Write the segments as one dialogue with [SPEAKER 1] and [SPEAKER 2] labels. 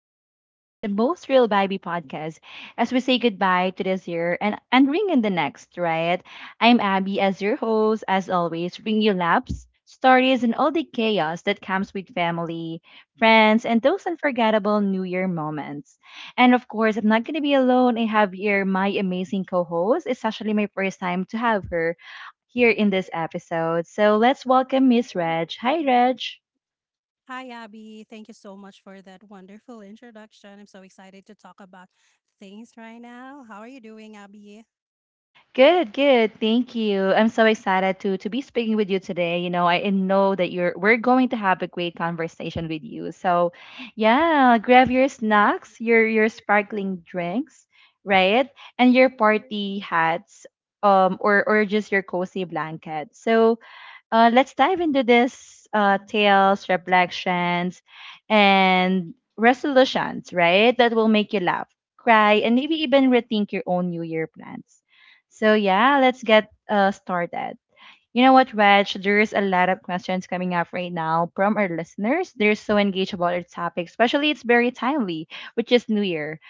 [SPEAKER 1] coziest, and the most real baby podcast as we say goodbye to this year and ring in the next, right? I'm Abby as your host, as always, bring you laps, stories, and all the chaos that comes with family, friends, and those unforgettable New Year moments. And of course, I'm not going to be alone. I have here my amazing co host. It's actually my first time to have her here in this episode. So let's welcome Miss Reg. Hi, Reg.
[SPEAKER 2] hi, Abby. Thank you so much for that wonderful introduction. I'm so excited to talk about things right now. How are you doing, Abby?
[SPEAKER 1] Good, good. Thank you. I'm so excited to be speaking with you today. You know, I know that you're we're going to have a great conversation with you. So, yeah, grab your snacks, your sparkling drinks, right? And your party hats or just your cozy blanket. So, let's dive into this tales, reflections, and resolutions, right? That will make you laugh, cry, and maybe even rethink your own New Year plans. So, yeah, let's get started. You know what, Reg? There's a lot of questions coming up right now from our listeners. They're so engaged about our topic, especially it's very timely, which is New Year.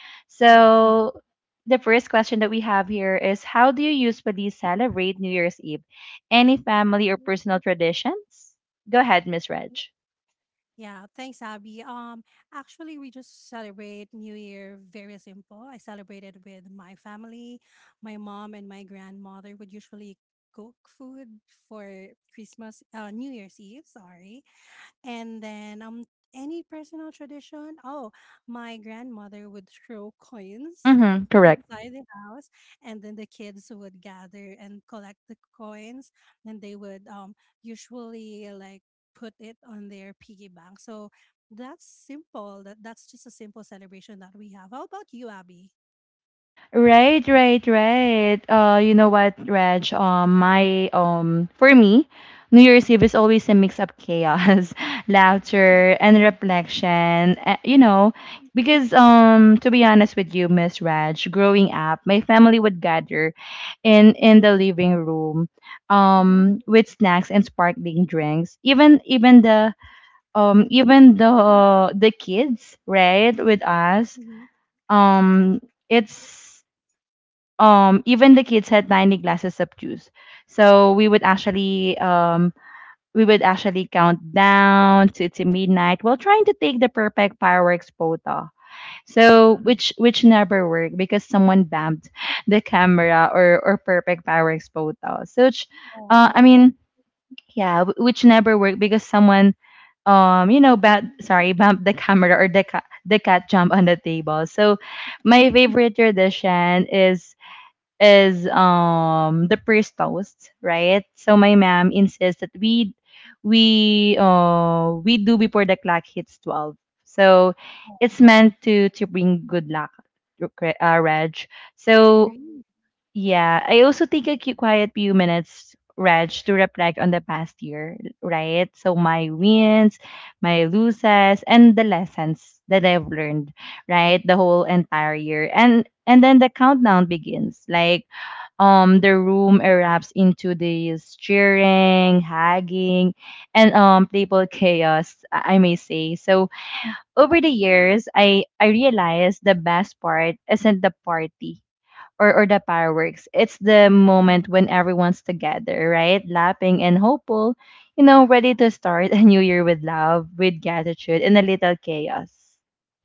[SPEAKER 2] Yeah.
[SPEAKER 1] So, the first question that we have here is, how do you usually celebrate New Year's Eve? Any family or personal traditions? Go ahead, Miss Reg.
[SPEAKER 2] Yeah. Thanks, Abby. Actually we just celebrate New Year very simple. I celebrated with my family. My mom and my grandmother would usually cook food for Christmas, New Year's Eve, sorry. And then any personal tradition? Oh, my grandmother would throw coins
[SPEAKER 1] Mm-hmm, correct.
[SPEAKER 2] inside the house, and then the kids would gather and collect the coins, and they would usually like put it on their piggy bank. So that's simple. That's just a simple celebration that we have. How about you, Abby?
[SPEAKER 1] Right, right, right. You know what, Reg? My For me, New Year's Eve is always a mix of chaos, laughter, and reflection. You know, because to be honest with you, Miss Reg, growing up, my family would gather in the living room,
[SPEAKER 2] Mm-hmm.
[SPEAKER 1] with snacks and sparkling drinks. Even the kids, right, with us.
[SPEAKER 2] Hmm.
[SPEAKER 1] Um, it's even the kids had tiny glasses of juice, so we would actually we would actually count down to midnight while trying to take the perfect fireworks photo, so
[SPEAKER 2] Yeah.
[SPEAKER 1] which never worked because someone bumped the camera, or perfect fireworks photo so which,
[SPEAKER 2] Oh,
[SPEAKER 1] I mean yeah wh- which never worked because someone, you know, bad sorry bumped the camera, or the cat jumped on the table. So my favorite tradition is the first toast, right? So my mom insists that we do before the clock hits 12. So it's meant to bring good luck, Reg.
[SPEAKER 2] I
[SPEAKER 1] So
[SPEAKER 2] agree.
[SPEAKER 1] yeah, I also take a quiet few minutes, Reg, to reflect on the past year, right? So my wins, my losses, and the lessons that I've learned right the whole entire year, and then the countdown begins. Like the room erupts into this cheering, hugging, and playful chaos, I may say. So over the years, I realized the best part isn't the party or the fireworks. It's the
[SPEAKER 2] Correct,
[SPEAKER 1] moment when everyone's together, right? Laughing and hopeful, you know, ready to start a new year with love, with gratitude, and a little chaos.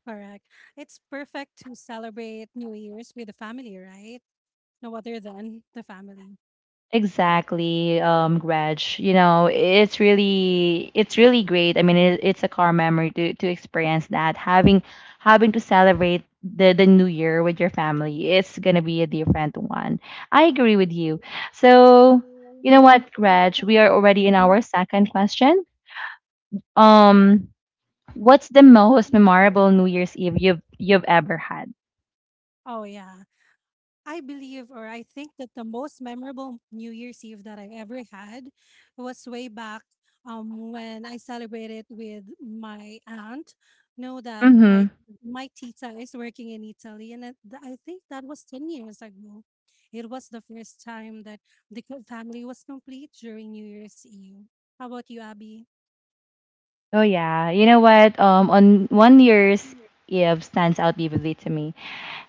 [SPEAKER 2] correct. It's perfect to celebrate New Year's with the family, right? No other than the family.
[SPEAKER 1] Exactly, Reg. You know, it's really great. I mean, it, it's a car memory to experience that. Having, having to celebrate the new year with your family, it's gonna be a different one. I agree with you. So, you know what, Reg? We are already in our second question. Um, what's the most memorable New Year's Eve you've ever had?
[SPEAKER 2] Oh yeah, I believe, or I think that the most memorable New Year's Eve that I ever had was way back, when I celebrated with my aunt. Know that
[SPEAKER 1] Mm-hmm.
[SPEAKER 2] my tita is working in Italy, and I think that was 10 years ago. It was the first time that the family was complete during New Year's Eve. How about you, Abby?
[SPEAKER 1] Oh yeah. You know what? On one New Year's Eve stands out vividly to me.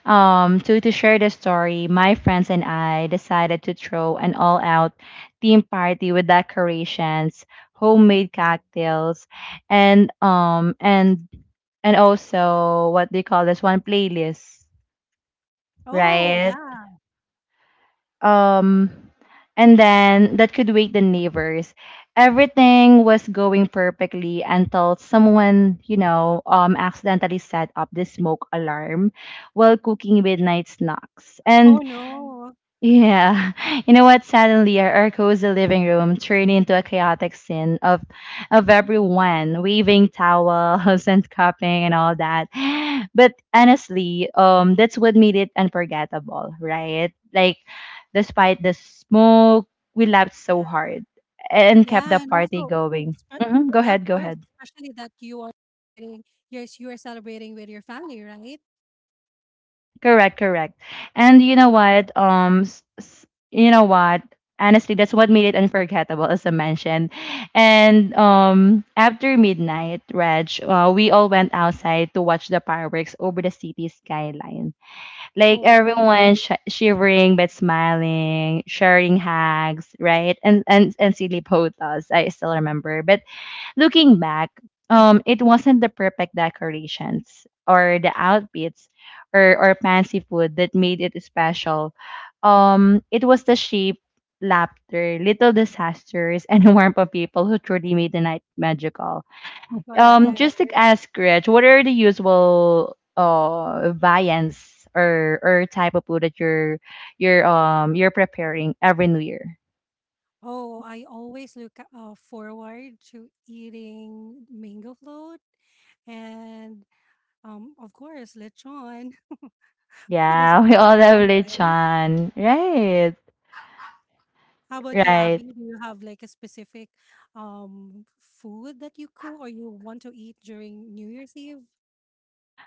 [SPEAKER 1] So to share the story, my friends and I decided to throw an all-out theme party with decorations, homemade cocktails, and and also what they call this one playlist,
[SPEAKER 2] Oh
[SPEAKER 1] right?
[SPEAKER 2] yeah.
[SPEAKER 1] Um, and then that could wake the neighbors. Everything was going perfectly until someone, you know, accidentally set up the smoke alarm while cooking midnight snacks. And
[SPEAKER 2] Oh no.
[SPEAKER 1] yeah. You know what? Suddenly our cozy living room turned into a chaotic scene of everyone waving towels and cupping and all that. But honestly, that's what made it unforgettable, right? Like despite the smoke, we laughed so hard and kept the
[SPEAKER 2] Yeah, and
[SPEAKER 1] party
[SPEAKER 2] also,
[SPEAKER 1] going.
[SPEAKER 2] spe-
[SPEAKER 1] Hmm. Go
[SPEAKER 2] yeah, of
[SPEAKER 1] ahead, go
[SPEAKER 2] course,
[SPEAKER 1] ahead.
[SPEAKER 2] especially that you are celebrating, yes, you are celebrating with your family, right?
[SPEAKER 1] Correct, correct. And you know what? Honestly, that's what made it unforgettable, as I mentioned. And after midnight, Reg, we all went outside to watch the fireworks over the city skyline. Like
[SPEAKER 2] Oh,
[SPEAKER 1] everyone shivering but smiling, sharing hugs, right? And silly photos. I still remember. But looking back, it wasn't the perfect decorations or the outfits or fancy food that made it special. It was the shape, laughter, little disasters, and the warmth of people who truly made the night magical.
[SPEAKER 2] correct.
[SPEAKER 1] Just to ask Rich, what are the usual viands or type of food that you're preparing every New Year?
[SPEAKER 2] Oh, I always look forward to eating mango float and, of course, lechon. Who
[SPEAKER 1] Yeah,
[SPEAKER 2] doesn't
[SPEAKER 1] we
[SPEAKER 2] want
[SPEAKER 1] all
[SPEAKER 2] lechon,
[SPEAKER 1] love
[SPEAKER 2] right?
[SPEAKER 1] lechon, right?
[SPEAKER 2] How about you,
[SPEAKER 1] Right.
[SPEAKER 2] Abby? Do you have like a specific food that you cook or you want to eat during New Year's Eve?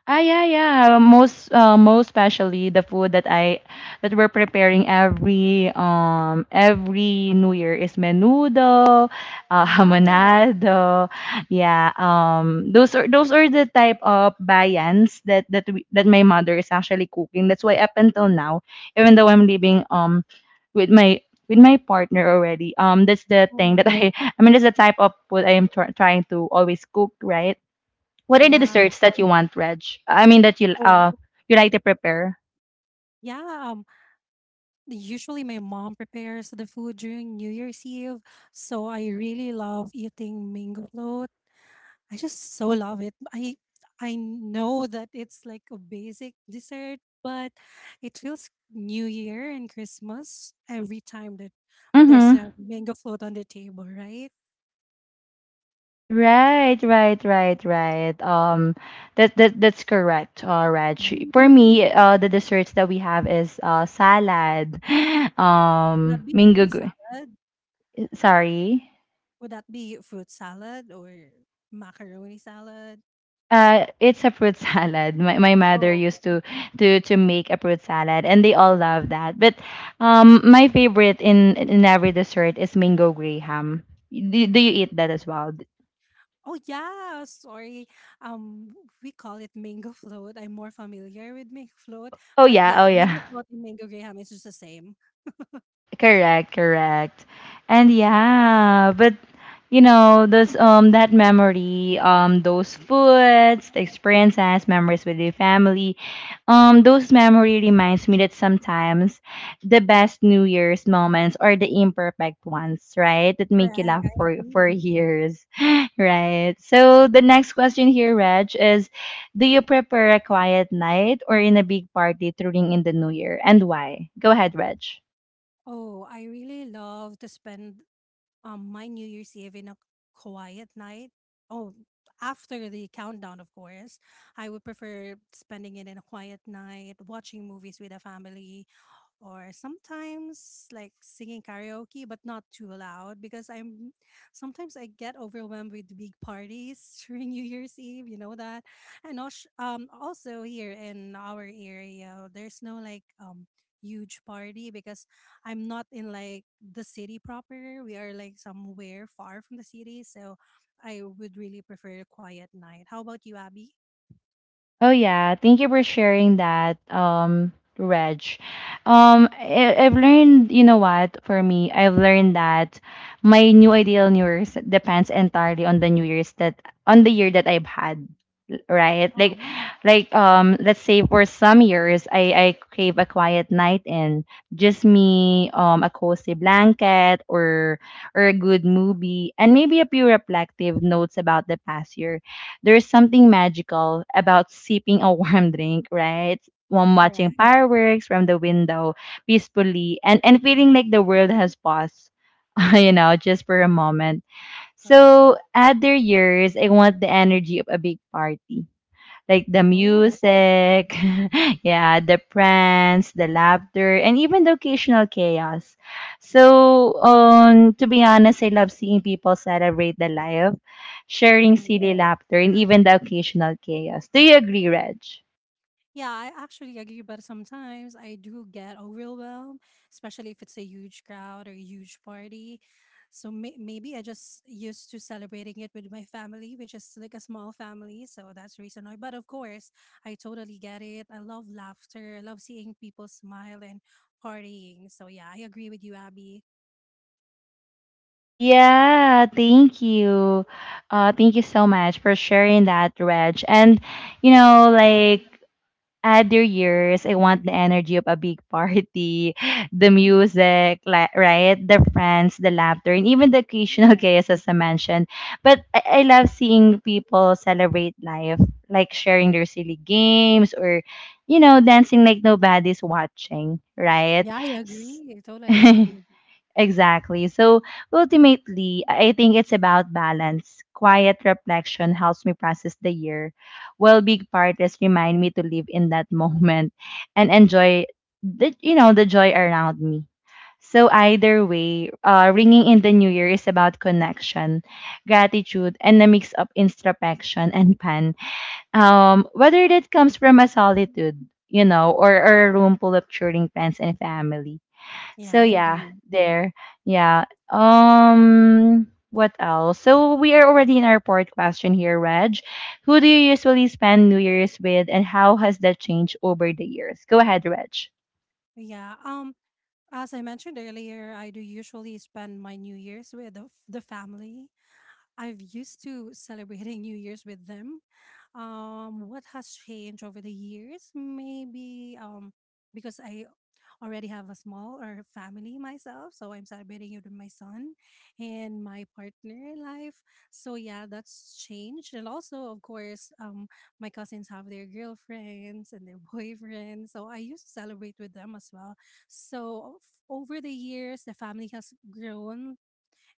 [SPEAKER 1] Ah, yeah, yeah. Most, most especially the food that I that we're preparing every New Year is menudo,
[SPEAKER 2] Wow.
[SPEAKER 1] hamonado. Yeah, those are the type of bayans that that my mother is actually cooking. That's why up until now, even though I'm living with my partner already, that's the thing
[SPEAKER 2] Mhm.
[SPEAKER 1] that I I mean that's the type of food I am trying to always cook, right? What are the
[SPEAKER 2] Yeah.
[SPEAKER 1] desserts that you want, Reg? I mean that
[SPEAKER 2] Oh,
[SPEAKER 1] you like to prepare.
[SPEAKER 2] yeah. Usually my mom prepares the food during New Year's Eve, so I really love eating mango float. I just so love it. I know that it's like a basic dessert, but it feels New Year and Christmas every time that there's
[SPEAKER 1] Mm-hmm.
[SPEAKER 2] a mango float on the table, right?
[SPEAKER 1] Right, right, right, right. That that's correct, Reg. For me,
[SPEAKER 2] Mm.
[SPEAKER 1] the desserts that we have is salad,
[SPEAKER 2] Would that be fruit
[SPEAKER 1] mango.
[SPEAKER 2] salad?
[SPEAKER 1] Sorry,
[SPEAKER 2] Would that be fruit salad or macaroni salad?
[SPEAKER 1] it's a fruit salad. My mother
[SPEAKER 2] Oh.
[SPEAKER 1] used to make a fruit salad, and they all love that. But my favorite in every dessert is mango graham. Do you eat that as well?
[SPEAKER 2] Oh yeah, sorry. Um, we call it mango float. I'm more familiar with mango float,
[SPEAKER 1] Oh
[SPEAKER 2] but
[SPEAKER 1] yeah, oh
[SPEAKER 2] yeah,
[SPEAKER 1] yeah.
[SPEAKER 2] mango float and mango graham is just the same.
[SPEAKER 1] Correct, correct. And yeah, but you know, those that memory, those foods, the experiences, memories with your family, those memory reminds me that sometimes the best New Year's moments are the imperfect ones, right? That make you
[SPEAKER 2] Correct.
[SPEAKER 1] laugh
[SPEAKER 2] I
[SPEAKER 1] for
[SPEAKER 2] agree.
[SPEAKER 1] years, right? So the next question here, Reg, is, do you prefer a quiet night or in a big party during in the New Year, and why? Go ahead, Reg.
[SPEAKER 2] Oh, I really love to spend my New Year's Eve in a quiet night. Oh, after the countdown, of course. I would prefer spending it in a quiet night, watching movies with the family, or sometimes like singing karaoke, but not too loud because I'm sometimes I get overwhelmed with big parties during New Year's Eve, you know that. And also here in our area there's no like huge party because I'm not in like the city proper. We are like somewhere far from the city, so I would really prefer a quiet night. How about you, Abby?
[SPEAKER 1] Oh yeah, thank you for sharing that, Reg. I've learned, you know what? For me, I've learned that my new ideal New Year's depends entirely on the New Year's that on the year that I've had, right?
[SPEAKER 2] Aw,
[SPEAKER 1] Like let's say for some years, I crave a quiet night, and just me, a cozy blanket or a good movie, and maybe a few reflective notes about the past year. There's something magical about sipping a warm drink, right? While watching
[SPEAKER 2] correct,
[SPEAKER 1] fireworks from the window peacefully and feeling like the world has paused, you know, just for a moment.
[SPEAKER 2] correct.
[SPEAKER 1] So, at their years, I want the energy of a big party, like the
[SPEAKER 2] Oh,
[SPEAKER 1] music, yeah, the pranks, the laughter, and even the occasional chaos. So, to be honest, I love seeing people celebrate the life, sharing
[SPEAKER 2] mhm.
[SPEAKER 1] silly laughter, and even the occasional chaos. Do you agree, Reg?
[SPEAKER 2] Yeah, I actually agree, but sometimes I do get overwhelmed, especially if it's a huge crowd or a huge party. So maybe I just used to celebrating it with my family, which is like a small family. So that's the reason why. But of course, I totally get it. I love laughter. I love seeing people smile and partying. So yeah, I agree with you, Abby.
[SPEAKER 1] Yeah, thank you. Thank you so much for sharing that, Reg. And, you know,
[SPEAKER 2] Oh,
[SPEAKER 1] like, other years, I want the energy of a big party, the
[SPEAKER 2] mhm.
[SPEAKER 1] music, right? The friends, the laughter, and even the occasional
[SPEAKER 2] Correct.
[SPEAKER 1] chaos, as I mentioned. But I love seeing people celebrate life, like sharing their silly games, or, you know, dancing like nobody's watching, right?
[SPEAKER 2] Yeah, I
[SPEAKER 1] S-
[SPEAKER 2] agree. I totally agree.
[SPEAKER 1] Exactly. So ultimately, I think it's about balance. Quiet reflection helps me process the year, while big parties remind me to live in that moment and enjoy the, you know, the joy around me. So either way, ringing in the new year is about connection, gratitude, and a mix of introspection and fun. Whether that comes from a solitude, you know, or a room full of cheering friends and family.
[SPEAKER 2] Yeah,
[SPEAKER 1] So
[SPEAKER 2] I
[SPEAKER 1] yeah,
[SPEAKER 2] agree.
[SPEAKER 1] there. Yeah. Um, what else? So we are already in our fourth question here, Reg. Who do you usually spend New Year's with, and how has that changed over the years? Go ahead, Reg.
[SPEAKER 2] Yeah. As I mentioned earlier, I do usually spend my New Year's with the the family. I've used to celebrating New Year's with them. What has changed over the years? Maybe, because I already have a small or family myself, so I'm celebrating it with my son and my partner in life. So yeah, that's changed. And also, of course, my cousins have their girlfriends and their boyfriends, so I used to celebrate with them as well. So over the years, the family has grown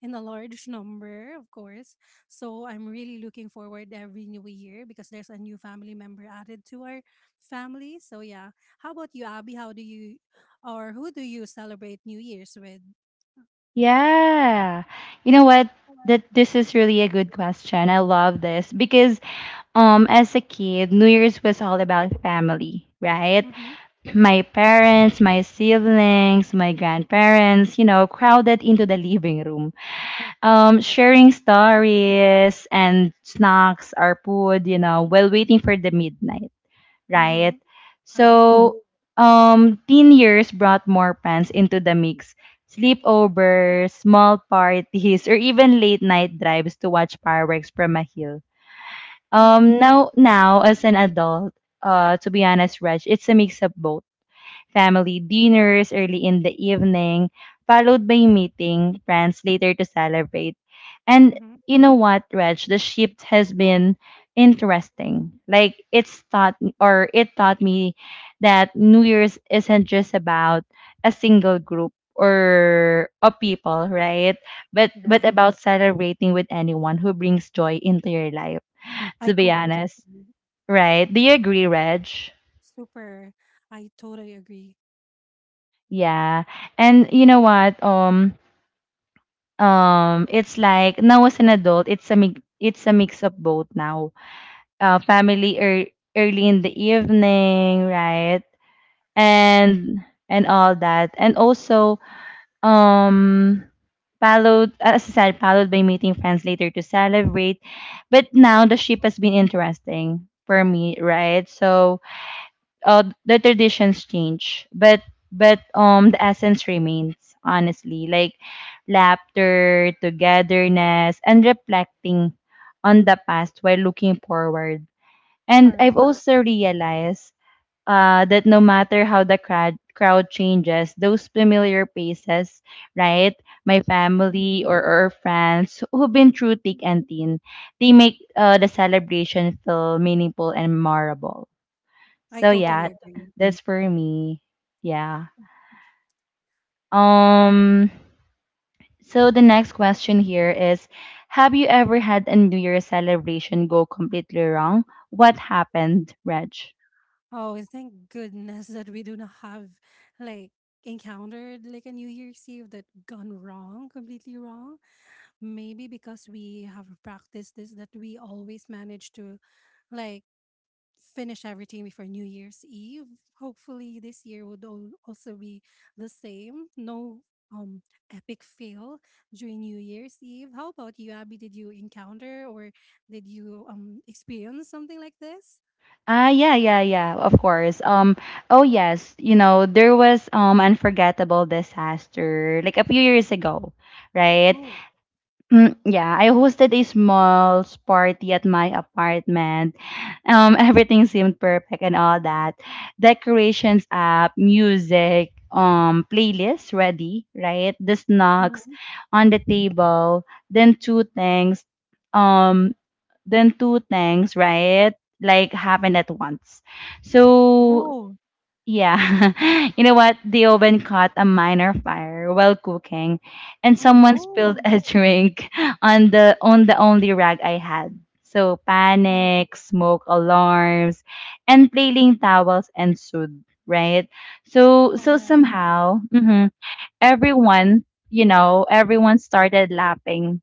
[SPEAKER 2] in a large number, of course. So I'm really looking forward every new year because there's a new family member added to our family. So yeah. How about you, Abby? How do you or who do you celebrate New Year's with?
[SPEAKER 1] Yeah. You know what? That this is really a good question. I love this because as a kid, New Year's was all about family, right?
[SPEAKER 2] Mm-hmm.
[SPEAKER 1] My parents, my siblings, my grandparents, you know, crowded into the living room. Sharing stories and snacks or food, you know, while waiting for the midnight, right?
[SPEAKER 2] Mm-hmm. Agree.
[SPEAKER 1] So, teen years brought more plans into the mix. Sleepovers, small parties, or even late night drives to watch fireworks from a hill.
[SPEAKER 2] Mm-hmm.
[SPEAKER 1] Now as an adult, to be honest, Reg, it's a mix of both family dinners early in the evening, followed by meeting friends later to celebrate. And
[SPEAKER 2] Mm-hmm.
[SPEAKER 1] you know what, Reg, the shift has been interesting. Like it's taught or it taught me that New Year's isn't just about a single group or of people, right? But
[SPEAKER 2] Right.
[SPEAKER 1] about celebrating with anyone who brings joy into your life.
[SPEAKER 2] I
[SPEAKER 1] To be
[SPEAKER 2] completely
[SPEAKER 1] honest.
[SPEAKER 2] agree.
[SPEAKER 1] Right. Do you agree, Reg?
[SPEAKER 2] Super. I totally agree.
[SPEAKER 1] Yeah. And you know what? It's like now as an adult, it's a mix of both now. Family early in the evening, right?
[SPEAKER 2] Correct.
[SPEAKER 1] And and all that, and also um followed, as I said, followed by meeting friends later to celebrate. But now the ship has been interesting for me, right? So the traditions change, but the essence remains. Honestly, like laughter, togetherness, and reflecting on the past while looking forward. And I've
[SPEAKER 2] Correct.
[SPEAKER 1] also realized that no matter how the crowd changes, those familiar faces, right? My family or friends who've been through thick
[SPEAKER 2] Indian.
[SPEAKER 1] and thin, they make the celebration feel meaningful and memorable.
[SPEAKER 2] I
[SPEAKER 1] So
[SPEAKER 2] totally
[SPEAKER 1] yeah,
[SPEAKER 2] agree.
[SPEAKER 1] that's for me. Yeah. Um so the next question here is, have you ever had a New Year celebration go completely wrong? What happened, Reg?
[SPEAKER 2] Oh, thank goodness that we do not have like encountered like a New Year's Eve that gone wrong, completely wrong. Maybe because we have practiced this that we always manage to like finish everything before New Year's Eve. Hopefully this year would also be the same. No um epic fail during New Year's Eve. How about you, Abby? Did you encounter or did you experience something like this?
[SPEAKER 1] Yeah, yeah, yeah, of course. Oh yes, you know, there was unforgettable disaster like a few years ago, right? Mm, yeah, I hosted a small party at my apartment. Everything seemed perfect and all that. Decorations up, music, playlist ready, right? The snacks
[SPEAKER 2] Mhm.
[SPEAKER 1] on the table. Then two things, um, then two things, right? Like happened at once. So
[SPEAKER 2] Oh,
[SPEAKER 1] yeah. You know what? The oven caught a minor fire while cooking, and
[SPEAKER 2] oh,
[SPEAKER 1] someone spilled
[SPEAKER 2] no.
[SPEAKER 1] a drink on the only rag I had. So
[SPEAKER 2] Oh,
[SPEAKER 1] panic, smoke alarms, and flailing towels ensued, right? So
[SPEAKER 2] alright.
[SPEAKER 1] somehow, everyone, everyone started laughing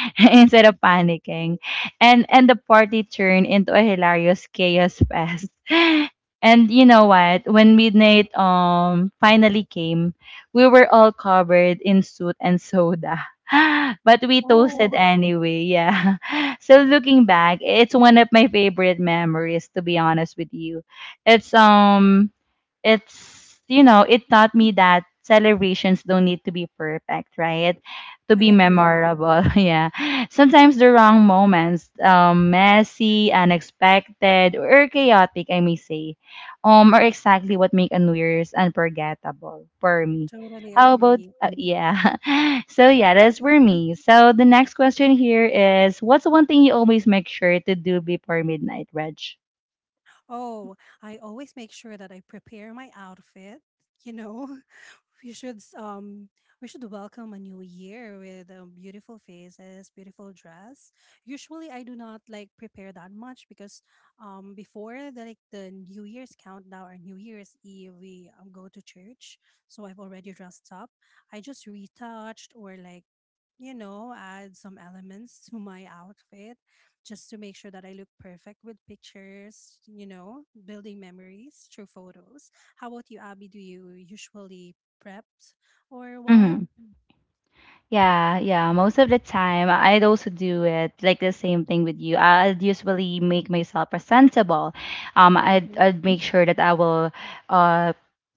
[SPEAKER 1] instead of panicking. And the party turned into a hilarious chaos fest. And you know what? When midnight finally came, we were all covered in soot and soda. But we toasted
[SPEAKER 2] Oh,
[SPEAKER 1] anyway, yeah. So looking back, it's one of my favorite memories, to be honest with you. It's um it's you know, it taught me that celebrations don't need to be perfect, right, to
[SPEAKER 2] I
[SPEAKER 1] be
[SPEAKER 2] agree.
[SPEAKER 1] memorable. Yeah, sometimes the wrong moments, messy, unexpected, or chaotic I may say, are exactly what make a New Year's unforgettable for me.
[SPEAKER 2] Totally
[SPEAKER 1] How about
[SPEAKER 2] agree.
[SPEAKER 1] yeah. So yeah, that's for me. So the next question here is, what's one thing you always make sure to do before midnight, Reg?
[SPEAKER 2] Oh, I always make sure that I prepare my outfit, you know. We should we should welcome a new year with beautiful faces, beautiful dress. Usually I do not like prepare that much because before like the New Year's countdown or New Year's Eve we, go to church, so I've already dressed up. I just retouched, or like add some elements to my outfit just to make sure that I look perfect with pictures, building memories through photos. How about you, Abby? Do you usually prep or
[SPEAKER 1] hmm
[SPEAKER 2] what?
[SPEAKER 1] Yeah, yeah. Most of the time, I'd also do it, like, the same thing with you. I'd usually make myself presentable. I'd make sure that uh,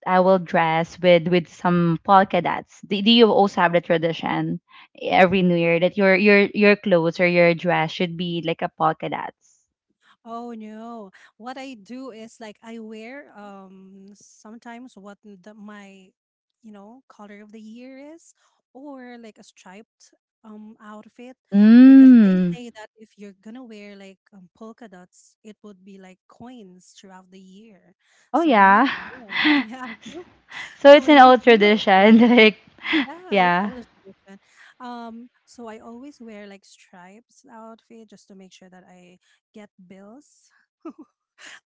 [SPEAKER 1] I will dress with some polka dots. Do you also have the tradition every New Year that your clothes or your dress should be like a polka dots?
[SPEAKER 2] Oh no. What I do is like I wear sometimes what my color of the year is, or like a striped outfit, because they
[SPEAKER 1] Mm.
[SPEAKER 2] say that if you're gonna wear like, polka dots, it would be like coins throughout the year.
[SPEAKER 1] Oh
[SPEAKER 2] So we want
[SPEAKER 1] yeah.
[SPEAKER 2] bills. Yeah.
[SPEAKER 1] So
[SPEAKER 2] So
[SPEAKER 1] it's
[SPEAKER 2] we
[SPEAKER 1] an
[SPEAKER 2] want
[SPEAKER 1] old
[SPEAKER 2] bills, right?
[SPEAKER 1] tradition, like
[SPEAKER 2] Yeah, it's
[SPEAKER 1] yeah.
[SPEAKER 2] all a tradition. So I always wear like stripes outfit just to make sure that I get bills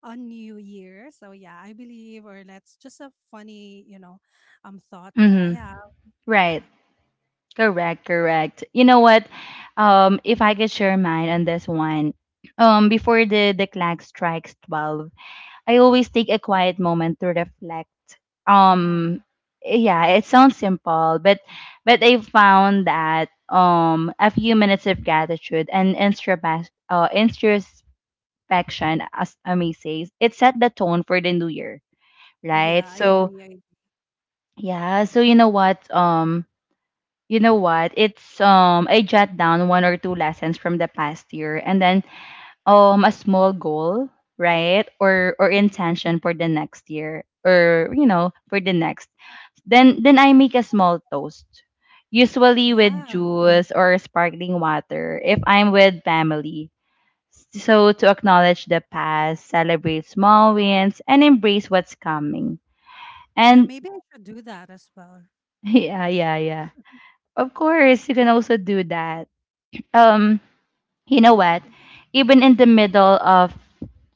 [SPEAKER 2] on New Year. So yeah, I believe, or that's just a funny, thought that I
[SPEAKER 1] Mm-hmm.
[SPEAKER 2] have.
[SPEAKER 1] Right.
[SPEAKER 2] Yeah.
[SPEAKER 1] Correct, correct. You know what? If I could share mine on this one, before the clock strikes twelve, I always take a quiet moment to reflect.
[SPEAKER 2] Um.
[SPEAKER 1] Um, yeah, it sounds simple, but I found that a few minutes of gratitude and introspection, as Ami says, it set the tone for the new year, right?
[SPEAKER 2] Yeah, I
[SPEAKER 1] So
[SPEAKER 2] agree. I agree.
[SPEAKER 1] yeah, so you know what? It's I jot down one or two lessons from the past year, and then a small goal, right? Or
[SPEAKER 2] Mhm.
[SPEAKER 1] intention for the next year, or you know, for the next. Then I make a small toast. Usually with
[SPEAKER 2] Yeah.
[SPEAKER 1] juice or sparkling water if I'm with family. So to acknowledge the past, celebrate small wins, and embrace what's coming.
[SPEAKER 2] Yeah,
[SPEAKER 1] And
[SPEAKER 2] maybe I should do that as well.
[SPEAKER 1] yeah, yeah, yeah. Of course, you can also do that. Um, you know what, even in the middle of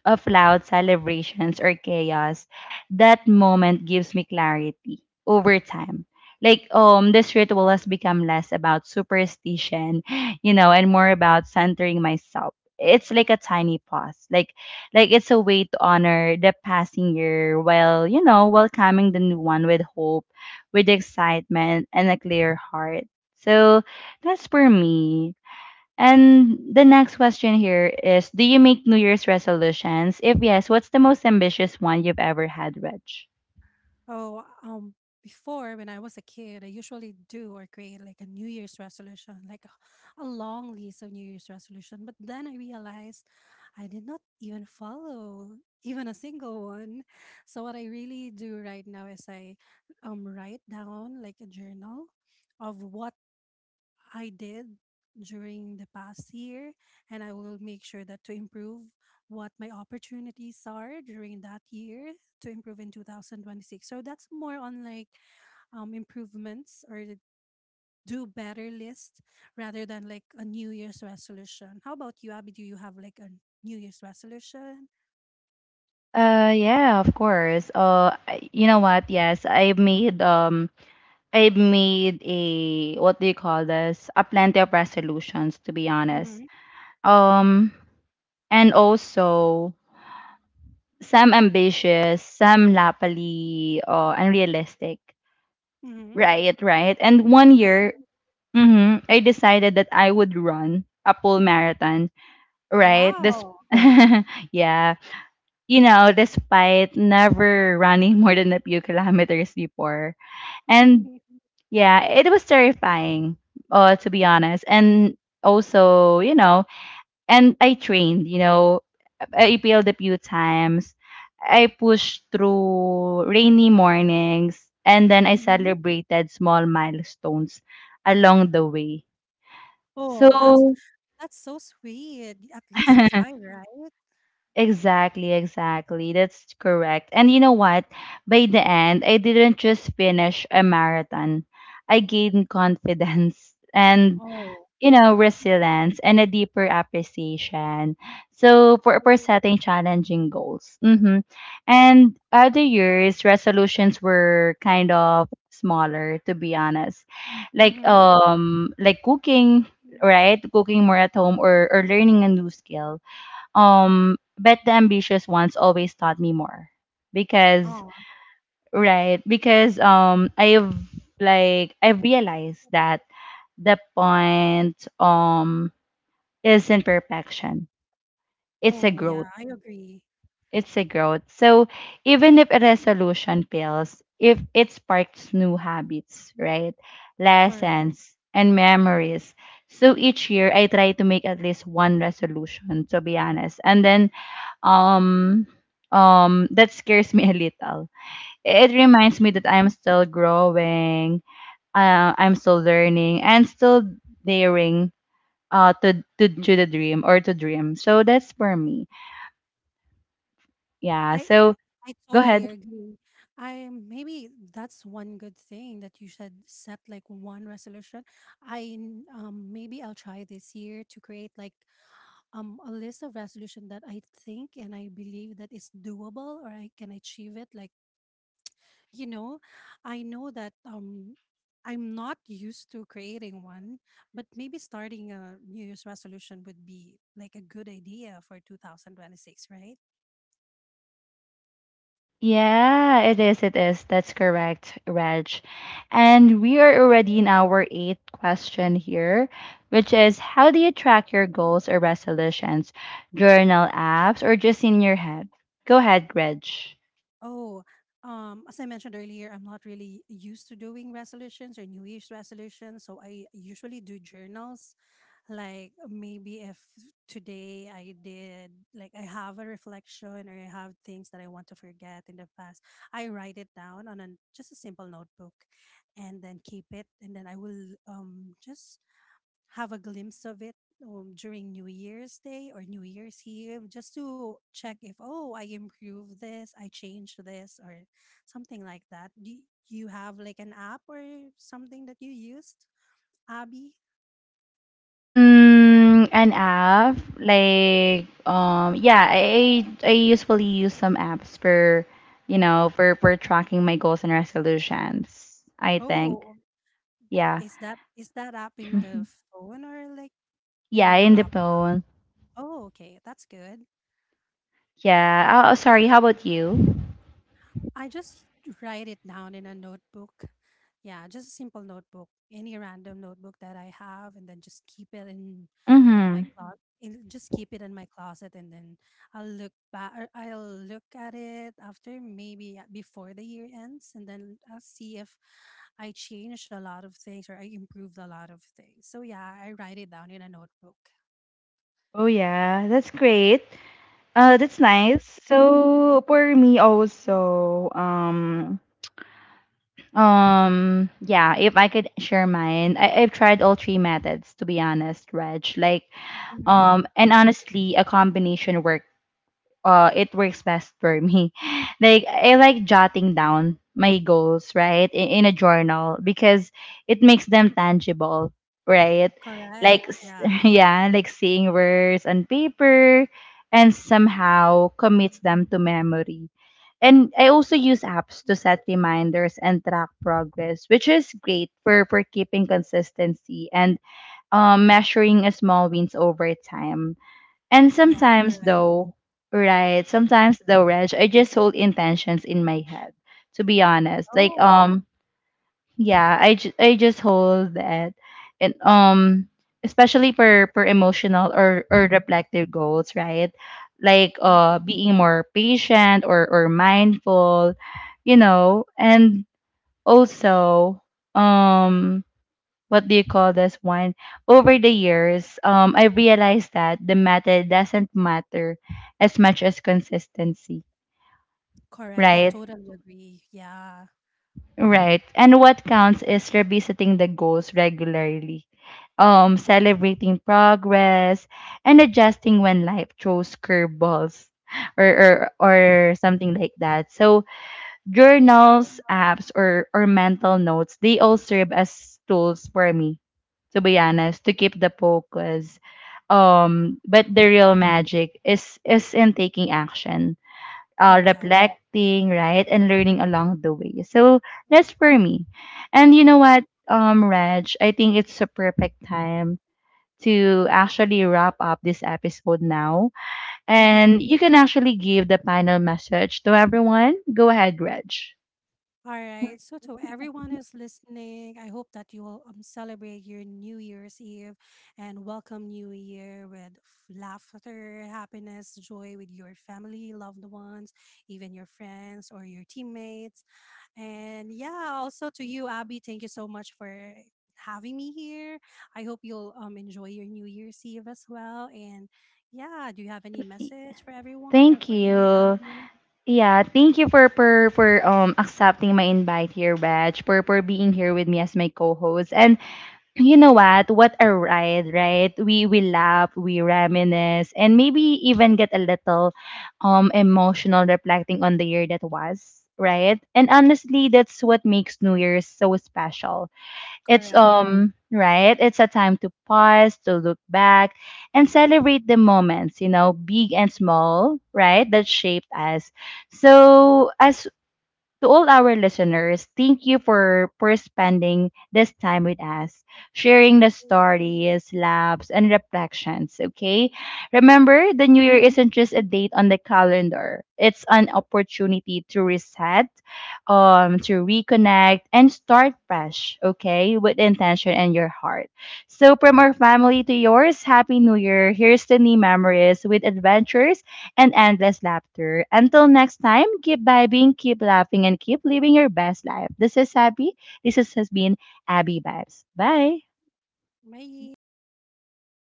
[SPEAKER 1] loud celebrations or chaos, that moment gives me clarity over time. Like this ritual has become less about superstition, you know, and more about centering myself. It's like a tiny pause, like it's a way to honor the passing year while, you know, welcoming the new one with hope, with excitement, and a clear heart. So that's for me. And the next question here is, do you make New Year's resolutions? If yes, what's the most ambitious one you've ever had, Reg?
[SPEAKER 2] Oh, before when I was a kid, I usually do or create like a New Year's resolution, like a long list of New Year's resolution. But then I realized I did not even follow even a single one. So what I really do right now is I write down like a journal of what I did during the past year, and I will make sure that to improve what my opportunities are during that year to improve in 2026. So that's more on like, improvements or the do better list, rather than like a New Year's resolution. How about you, Abby? Do you have like a New Year's resolution?
[SPEAKER 1] Yeah, of course. You know what? Yes, I've made I've made a, what do you call this, a plenty of resolutions, to be honest.
[SPEAKER 2] Mm-hmm.
[SPEAKER 1] Um and also some ambitious, some lapally unrealistic.
[SPEAKER 2] Mm-hmm.
[SPEAKER 1] Right, right. And one
[SPEAKER 2] Like.
[SPEAKER 1] year, mm-hmm, I
[SPEAKER 2] Mm.
[SPEAKER 1] decided that I would run a full marathon, right? This,
[SPEAKER 2] Wow.
[SPEAKER 1] yeah, you know, despite never running more than a few kilometers before, and yeah, it was terrifying. To be honest, and also, you know, and I trained. You know, I appealed a few times. I pushed through rainy mornings, and then I
[SPEAKER 2] Mm-hmm.
[SPEAKER 1] celebrated small milestones along the way.
[SPEAKER 2] Oh, that's
[SPEAKER 1] So
[SPEAKER 2] that's so sweet. At least you tried, right?
[SPEAKER 1] exactly, exactly. That's correct. And you know what? By the end, I didn't just finish a marathon. I gained confidence and,
[SPEAKER 2] Oh.
[SPEAKER 1] you know, resilience and a deeper appreciation. So for setting challenging goals. Mm-hmm. And other years, resolutions were kind of smaller, to be honest.
[SPEAKER 2] Mm-hmm.
[SPEAKER 1] Like cooking, right? Cooking more at home, or learning a new skill. But the ambitious ones always taught me more, because right, because I've realized that the point isn't perfection, it's a
[SPEAKER 2] Oh, yeah,
[SPEAKER 1] growth.
[SPEAKER 2] I agree.
[SPEAKER 1] It's a growth. So even if a resolution fails, if it sparks new habits, right,
[SPEAKER 2] Correct.
[SPEAKER 1] lessons and memories. So each year I try to make at least one resolution, to be honest, and then um that scares me a little. It reminds me
[SPEAKER 2] Mm,
[SPEAKER 1] that I'm still growing, I'm still learning and still daring, to the dream, or to dream. So that's for me. Yeah,
[SPEAKER 2] I
[SPEAKER 1] so
[SPEAKER 2] I
[SPEAKER 1] go
[SPEAKER 2] totally
[SPEAKER 1] ahead.
[SPEAKER 2] agree. I maybe that's one good thing that you should set like one resolution. Maybe I'll try this year to create like a list of resolution that I think and I believe that is doable or I can achieve it. Like, you know, I know that I'm not used to creating one, but maybe starting a New Year's resolution would be like a good idea for 2026, right?
[SPEAKER 1] Yeah, it is, it is, that's correct, Reg. And we are already in our eighth question here, which is, how do you track your goals or resolutions, journal, apps, or just in your head? Go ahead, Reg.
[SPEAKER 2] Oh, as I mentioned earlier, I'm not really used to doing resolutions or New Year's resolutions. So I usually do journals. Like maybe if today I did, like I have a reflection or I have things that I want to forget in the past, I write it down on just a simple notebook and then keep it. And then I will, just have a glimpse of it, during New Year's Day or New Year's Eve, just to check if, oh, I improved this, I changed this, or something like that. Do you have like an app or something that you used, Abby?
[SPEAKER 1] Mm, an app, like yeah, I usually use some apps for, you know, for tracking my goals and resolutions, I think.
[SPEAKER 2] Oh, th-
[SPEAKER 1] Yeah.
[SPEAKER 2] is that is that app in the
[SPEAKER 1] Mhm.
[SPEAKER 2] phone or like
[SPEAKER 1] Yeah,
[SPEAKER 2] in the
[SPEAKER 1] in the
[SPEAKER 2] lap?
[SPEAKER 1] phone.
[SPEAKER 2] Oh, okay, that's good.
[SPEAKER 1] Yeah. Oh, oh, sorry, how about you?
[SPEAKER 2] I just write it down in a notebook. Yeah, just a simple notebook, any random notebook that I have, and then just keep it in on my
[SPEAKER 1] Mm-hmm.
[SPEAKER 2] Closet. Just keep it in my closet, and then I'll look back. Or I'll look at it after maybe, before the year ends, and then I'll see if I changed a lot of things or I improved a lot of things. So yeah, I write it down in a notebook.
[SPEAKER 1] Oh yeah, that's great. That's nice. So for me also, yeah, if I could share mine, I've tried all three methods, to be honest, Reg. Like and honestly, a combination work, it works best for me. Like I, like jotting down my goals, right, in a journal, because it makes them tangible, right,
[SPEAKER 2] Correct.
[SPEAKER 1] like s-
[SPEAKER 2] Yeah.
[SPEAKER 1] yeah, like seeing words on paper and somehow commits them to memory. And I also use apps to set reminders and track progress, which is great for keeping consistency and measuring a small wins over time. And
[SPEAKER 2] Yeah,
[SPEAKER 1] sometimes
[SPEAKER 2] correct.
[SPEAKER 1] though, right, sometimes though, Reg, I just hold intentions in my head, to be honest. Like
[SPEAKER 2] Oh,
[SPEAKER 1] yeah, I just hold that and especially for emotional or reflective goals, right? Like
[SPEAKER 2] mm,
[SPEAKER 1] being more patient or mindful, you know, and also um what do you call this one? Over the years, I realized that the method doesn't matter as much as consistency,
[SPEAKER 2] correct. I
[SPEAKER 1] right?
[SPEAKER 2] totally agree. Yeah.
[SPEAKER 1] Right. And what counts is revisiting the goals regularly, celebrating progress, and adjusting when life throws curveballs, or, or, or something like that. So,
[SPEAKER 2] I
[SPEAKER 1] journals,
[SPEAKER 2] know.
[SPEAKER 1] apps, or mental notes, they all serve as tools for me, to be honest, to keep the focus. But the real magic is in taking action,
[SPEAKER 2] Correct.
[SPEAKER 1] reflecting, right, and learning along the way. So that's for me. And you know what, Reg, I think it's a perfect time to actually wrap up this episode now.
[SPEAKER 2] Mm-hmm.
[SPEAKER 1] And you can actually give the final message to everyone. Go ahead, Reg.
[SPEAKER 2] All right. So to everyone who's listening, I hope that you will, celebrate your New Year's Eve and welcome New Year with laughter, happiness, joy, with your family, loved ones, even your friends or your teammates. And yeah, also to you, Abby, thank you so much for having me here. I hope you'll, enjoy your New Year's Eve as well. And yeah, do you have any message for everyone or
[SPEAKER 1] Thank
[SPEAKER 2] for me,
[SPEAKER 1] you.
[SPEAKER 2] Abby?
[SPEAKER 1] Yeah, thank you for accepting my invite here, Badge, for being here with me as my co-host. And you know what? What a ride, right? We laugh, we reminisce, and maybe even get a little emotional, reflecting on the year that was, right? And honestly, that's what makes New Year's so special. It's
[SPEAKER 2] Correct.
[SPEAKER 1] right, it's a time to pause, to look back, and celebrate the moments, you know, big and small, right, that shaped us. So as to all our listeners, thank you for spending this time with us, sharing the stories, laughs, and reflections, okay? Remember, the new year isn't just a date on the calendar. It's an opportunity to reset, to reconnect, and start fresh, okay, with intention and your heart. So, from our family to yours, Happy New Year. Here's to new memories with adventures and endless laughter. Until next time, keep vibing, keep laughing, and keep living your best life. This is Abby. This has been Abby Vibes. Bye.
[SPEAKER 2] Bye.